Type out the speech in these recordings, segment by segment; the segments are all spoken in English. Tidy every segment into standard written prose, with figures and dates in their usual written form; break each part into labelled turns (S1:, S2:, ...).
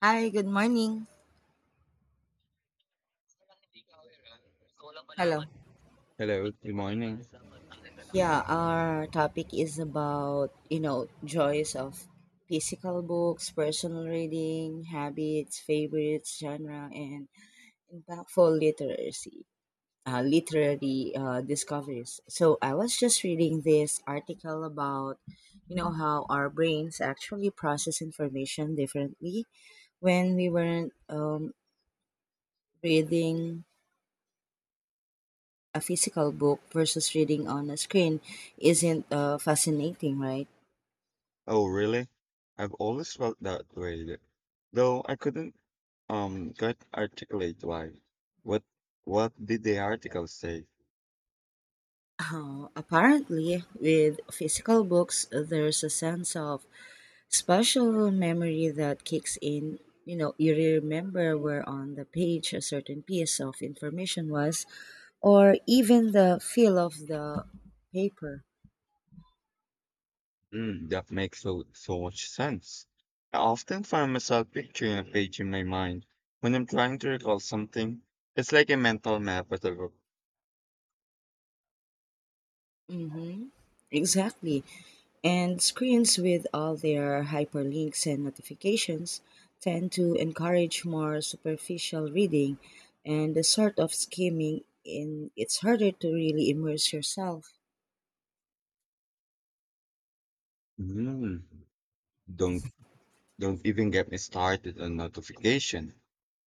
S1: Hi, good morning. Hello.
S2: Hello, good morning.
S1: Yeah, our topic is about, you know, joys of physical books, personal reading, habits, favorites, genre, and impactful literacy, literary discoveries. So I was just reading this article about, you know, how our brains actually process information differently when we weren't reading a physical book versus reading on a screen isn't fascinating, right?
S2: Oh, really? I've always felt that way, though I couldn't quite articulate why. What what did the article say?
S1: Apparently, with physical books, there's a sense of special memory that kicks in. You know, you remember where on the page a certain piece of information was, or even the feel of the paper.
S2: Mm, that makes so much sense. I often find myself picturing a page in my mind when I'm trying to recall something. It's like a mental map of the book.
S1: Mm-hmm. Exactly. And screens with all their hyperlinks and notifications tend to encourage more superficial reading and the sort of skimming in it's harder to really immerse yourself.
S2: Mm, don't Don't even get me started on notification.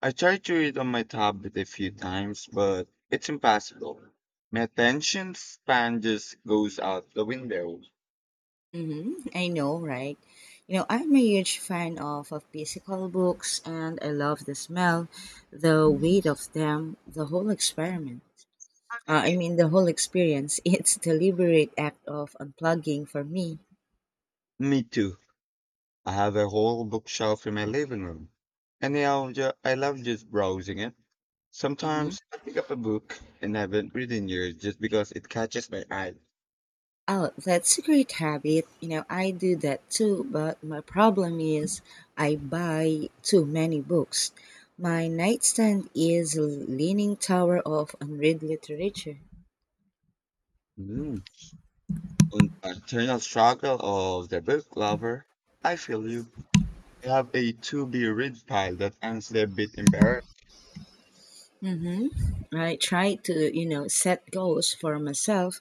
S2: I tried to read on my tablet a few times, but it's impossible. My attention span just goes out the window.
S1: Mm-hmm. I know, right? You know, I'm a huge fan of physical books, and I love the smell, the weight of them, the whole experiment. I mean, the whole experience. It's the deliberate act of unplugging for me.
S2: Me too. I have a whole bookshelf in my living room. Anyhow, I love just browsing it. Sometimes I pick up a book and haven't read in years just because it catches my eye.
S1: Oh, that's a great habit. You know, I do that too, but my problem is I buy too many books. My nightstand is a leaning tower of unread literature.
S2: Mm. On the internal struggle of the book lover, I feel you. I have a to be read pile that's honestly a bit embarrassing.
S1: Hmm. I try to, you know, set goals for myself,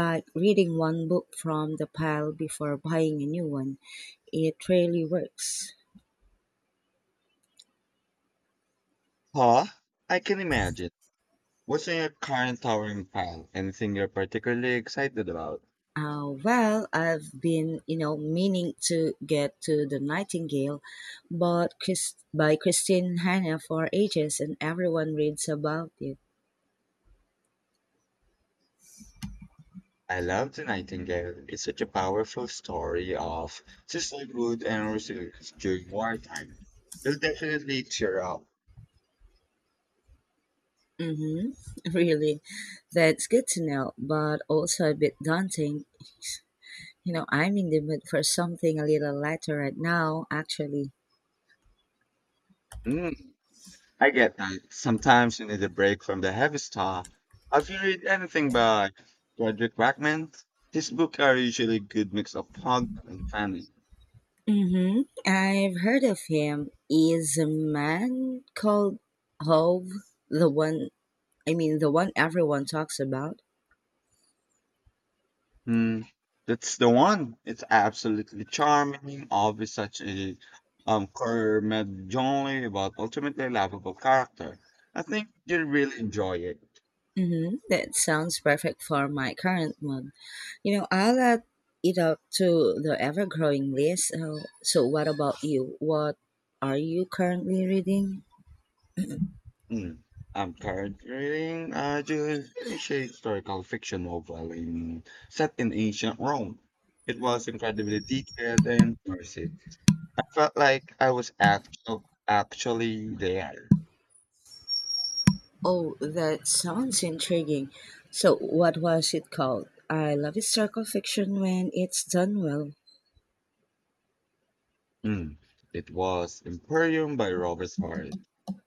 S1: like reading one book from the pile before buying a new one. It really works.
S2: Huh? I can imagine. What's in your current towering pile? Anything you're particularly excited about?
S1: Well, I've been, you know, meaning to get to The Nightingale but by Christine Hanna for ages, and everyone reads about it.
S2: I love The Nightingale. It's such a powerful story of sisterhood and resilience during wartime. It'll definitely cheer up.
S1: Hmm. Really, that's good to know, but also a bit daunting. You know, I'm in the mood for something a little lighter right now, actually.
S2: Mm, I get that. Sometimes you need a break from the heavy stuff. Have you read anything by Frederick Rackman? His books are usually a good mix of fun and family.
S1: Hmm. I've heard of him. Is a man called Hove the one? I mean, the one everyone talks about.
S2: Mm, that's the one. It's absolutely charming, always such a curmudgeonly but ultimately lovable character. I think you'll really enjoy it.
S1: Mm-hmm. That sounds perfect for my current mood. You know, I'll add it up to the ever growing list. So, what about you? What are you currently reading?
S2: Mm. I'm currently reading Julius historical fiction novel in, set in ancient Rome. It was incredibly detailed and immersive. I felt like I was actually there.
S1: Oh, that sounds intriguing. So, what was it called? I love historical fiction when it's done well.
S2: Mm. It was Imperium by Robert Harris.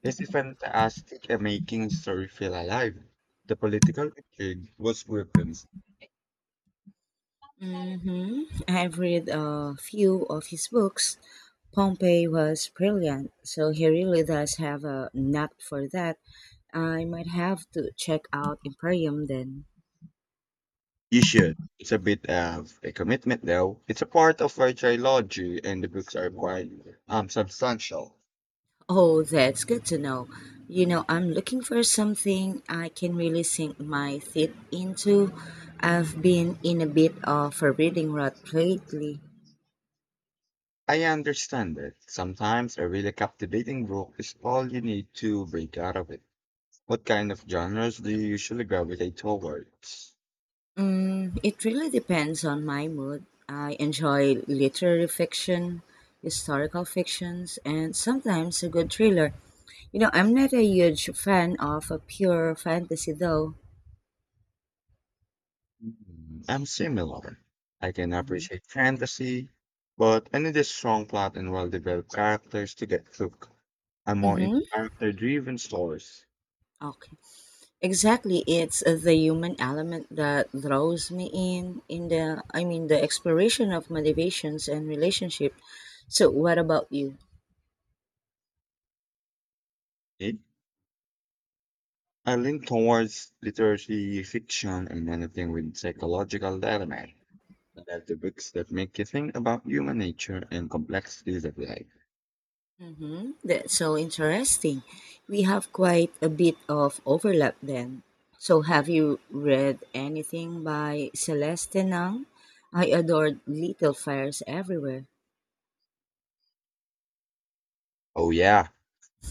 S2: This a fantastic at making story feel alive. The political intrigue was weapons.
S1: Hmm. I've read a few of his books. Pompey was brilliant, so he really does have a knack for that. I might have to check out Imperium then.
S2: You should. It's a bit of a commitment though. It's a part of our trilogy and the books are quite substantial.
S1: Oh, that's good to know. You know, I'm looking for something I can really sink my teeth into. I've been in a bit of a reading rut lately.
S2: I understand it. Sometimes a really captivating book is all you need to break out of it. What kind of genres do you usually gravitate towards?
S1: Mm, it really depends on my mood. I enjoy literary fiction, historical fictions, and sometimes a good thriller. You know, I'm not a huge fan of a pure fantasy though.
S2: Mm, I'm similar. I can
S1: Hmm.
S2: appreciate fantasy, but I need a strong plot and well-developed characters to get hooked. I'm more into
S1: Mm-hmm.
S2: character-driven stories.
S1: Okay. Exactly. It's the human element that draws me in, I mean, the exploration of motivations and relationship. So, what about you?
S2: Eh? I lean towards literary fiction and anything with psychological element. I love the books that make you think about human nature and complexities of life.
S1: Mm-hmm. That's so interesting. We have quite a bit of overlap then. So, have you read anything by Celeste Nang? I adored Little Fires Everywhere.
S2: Oh yeah,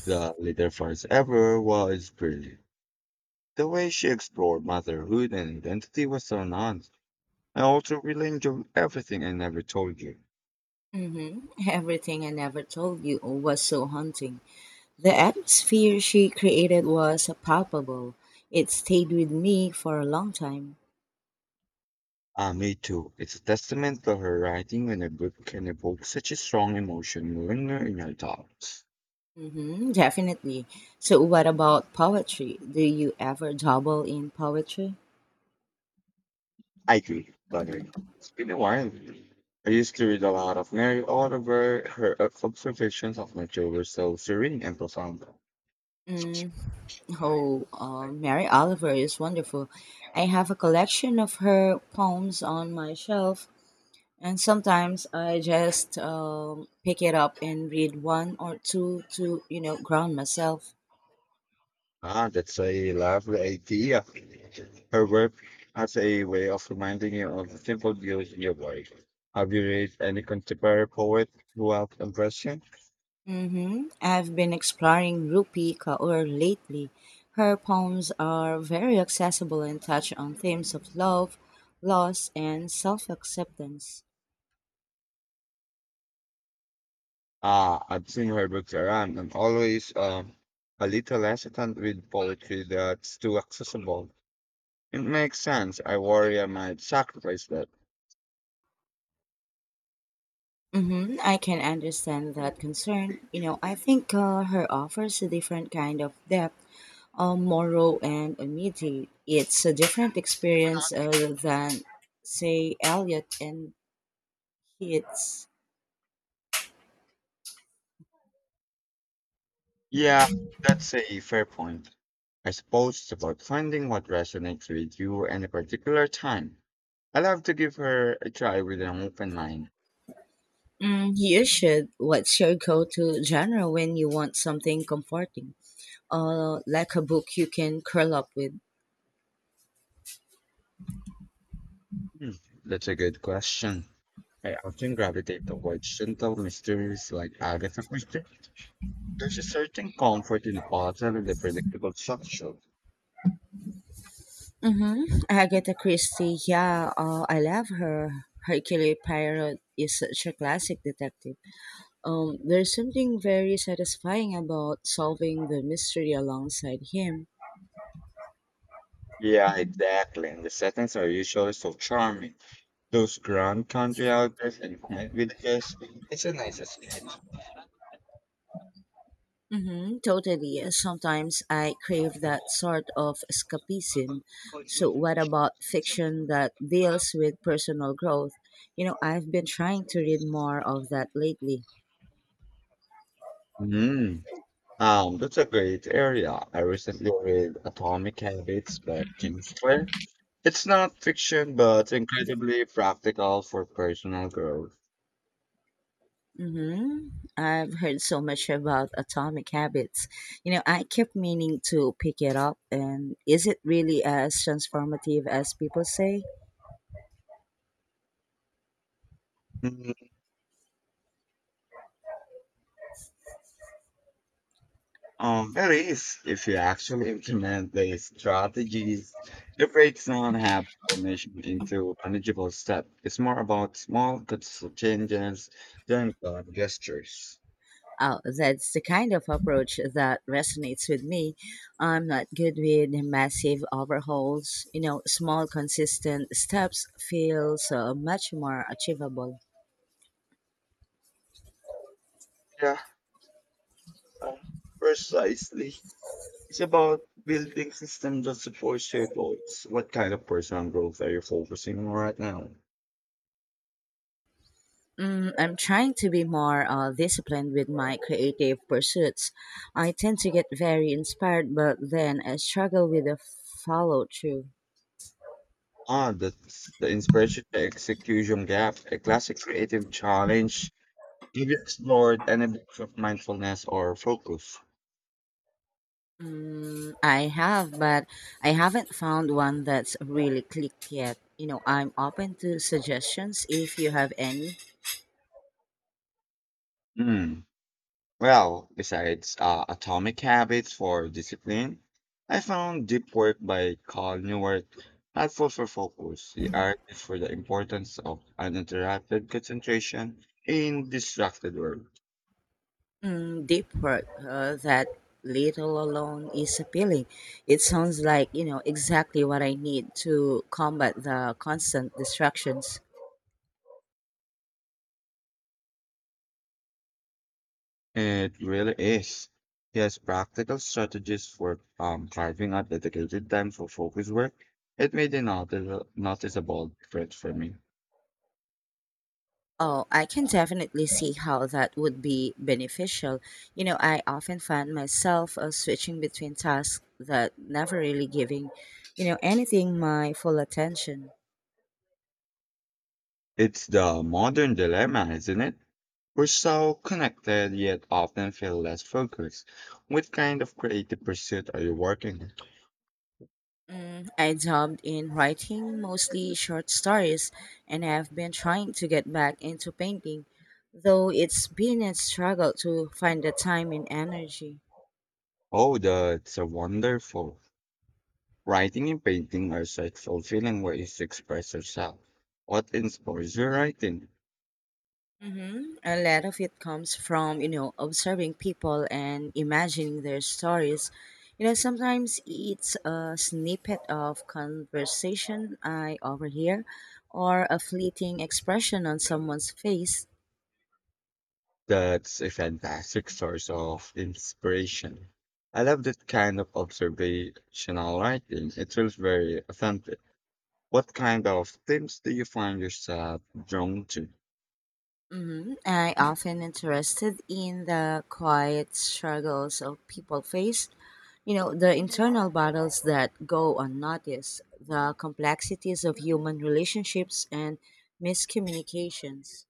S2: the Little first ever was brilliant. The way she explored motherhood and identity was so nuanced. I also really enjoyed everything I never told you.
S1: Mm-hmm. Everything I Never Told You was so haunting. The atmosphere she created was palpable. It stayed with me for a long time.
S2: Ah, me too. It's a testament to her writing when a book can evoke such a strong emotion linger in your thoughts.
S1: Mm-hmm, definitely. So, what about poetry? Do you ever dabble in poetry?
S2: I agree, by the way. It's been a while. I used to read a lot of Mary Oliver. Her observations of nature were so serene and profound.
S1: Mm. Oh, Mary Oliver is wonderful. I have a collection of her poems on my shelf, and sometimes I just pick it up and read one or two to, you know, ground myself.
S2: Ah, that's a lovely idea. Her work has a way of reminding you of the simple beauty of life. Have you read any contemporary poet who have impressed you?
S1: Mm-hmm. I've been exploring Rupi Kaur lately. Her poems are very accessible and touch on themes of love, loss, and self acceptance.
S2: I've seen her books around. I'm always a little hesitant with poetry that's too accessible. It makes sense. I worry I might sacrifice that.
S1: Hmm. I can understand that concern. You know, I think her offers a different kind of depth, moral and immediate. It's a different experience than, say, Elliot and Keats.
S2: Yeah, that's a fair point. I suppose it's about finding what resonates with you at a particular time. I'll have to give her a try with an open mind.
S1: Mm, you should. What's your go-to genre when you want something comforting? Like a book you can curl up with.
S2: Hmm, that's a good question. I often gravitate towards gentle mysteries like Agatha Christie. There's a certain comfort in the puzzle and the predictable structure.
S1: Mm-hmm. Agatha Christie, yeah, I love her. Hercule Poirot is such a classic detective. There's something very satisfying about solving the mystery alongside him.
S2: Yeah, exactly. And the settings are usually so charming. Those grand country outdoors and quiet villages, it's a nice escape.
S1: Mm-hmm. Totally. Sometimes I crave that sort of escapism. So, what about fiction that deals with personal growth? You know, I've been trying to read more of that lately.
S2: Mm. That's a great area. I recently read Atomic Habits by Kim Sinclair. It's not fiction, but incredibly practical for personal growth.
S1: Mm-hmm. I've heard so much about Atomic Habits. You know, I kept meaning to pick it up, and is it really as transformative as people say?
S2: Hmm. There is, if you actually implement the strategies, it breaks down habit formation into manageable steps. It's more about small, consistent changes than grand gestures.
S1: Oh, that's the kind of approach that resonates with me. I'm not good with massive overhauls. You know, small, consistent steps feel so much more achievable.
S2: Yeah, uh, precisely. It's about building systems that support your goals. What kind of personal growth are you focusing on right now?
S1: Mm, I'm trying to be more disciplined with my creative pursuits. I tend to get very inspired, but then I struggle with the follow through.
S2: Ah, that's the inspiration to execution gap, a classic creative challenge. Have you explored any books of mindfulness or focus?
S1: Mm, I have, but I haven't found one that's really clicked yet. You know, I'm open to suggestions if you have any.
S2: Mm. Well, besides Atomic Habits for discipline, I found Deep Work by Carl Newport helpful for focus. He argues for the importance of uninterrupted concentration in distracted work.
S1: Mm, deep work. That little alone is appealing. It sounds like, you know, exactly what I need to combat the constant distractions.
S2: It really is. He has practical strategies for carving out dedicated time for focus work. It made a noticeable difference for me.
S1: Oh, I can definitely see how that would be beneficial. You know, I often find myself switching between tasks that never really giving, you know, anything my full attention.
S2: It's the modern dilemma, isn't it? We're so connected yet often feel less focused. What kind of creative pursuit are you working on?
S1: Mm, I dabbled in writing, mostly short stories, and have been trying to get back into painting, though it's been a struggle to find the time and energy.
S2: Oh, that's a wonderful. Writing and painting are such fulfilling ways to express yourself. What inspires your writing?
S1: Hmm. A lot of it comes from, you know, observing people and imagining their stories. You know, sometimes it's a snippet of conversation I overhear or a fleeting expression on someone's face.
S2: That's a fantastic source of inspiration. I love that kind of observational writing. It feels very authentic. What kind of themes do you find yourself drawn to?
S1: Hmm. I often interested in the quiet struggles of people face, you know, the internal battles that go unnoticed, the complexities of human relationships and miscommunications.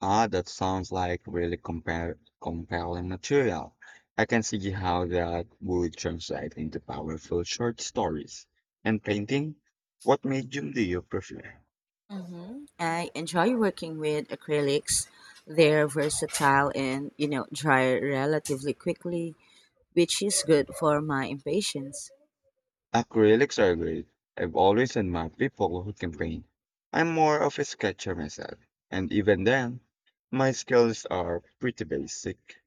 S2: Ah, that sounds like really compelling material. I can see how that would translate into powerful short stories. And painting? What medium do you prefer?
S1: Hmm. I enjoy working with acrylics. They're versatile and, you know, dry relatively quickly, which is good for my impatience.
S2: Acrylics are great. I've always admired people who can paint. I'm more of a sketcher myself, and even then, my skills are pretty basic.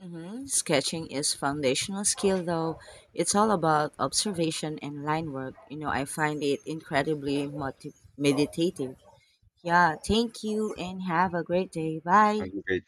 S1: Hmm. Sketching is foundational skill though. It's all about observation and line work. You know, I find it incredibly meditative. Yeah, thank you and have a great day.
S2: Are
S1: Bye.
S2: you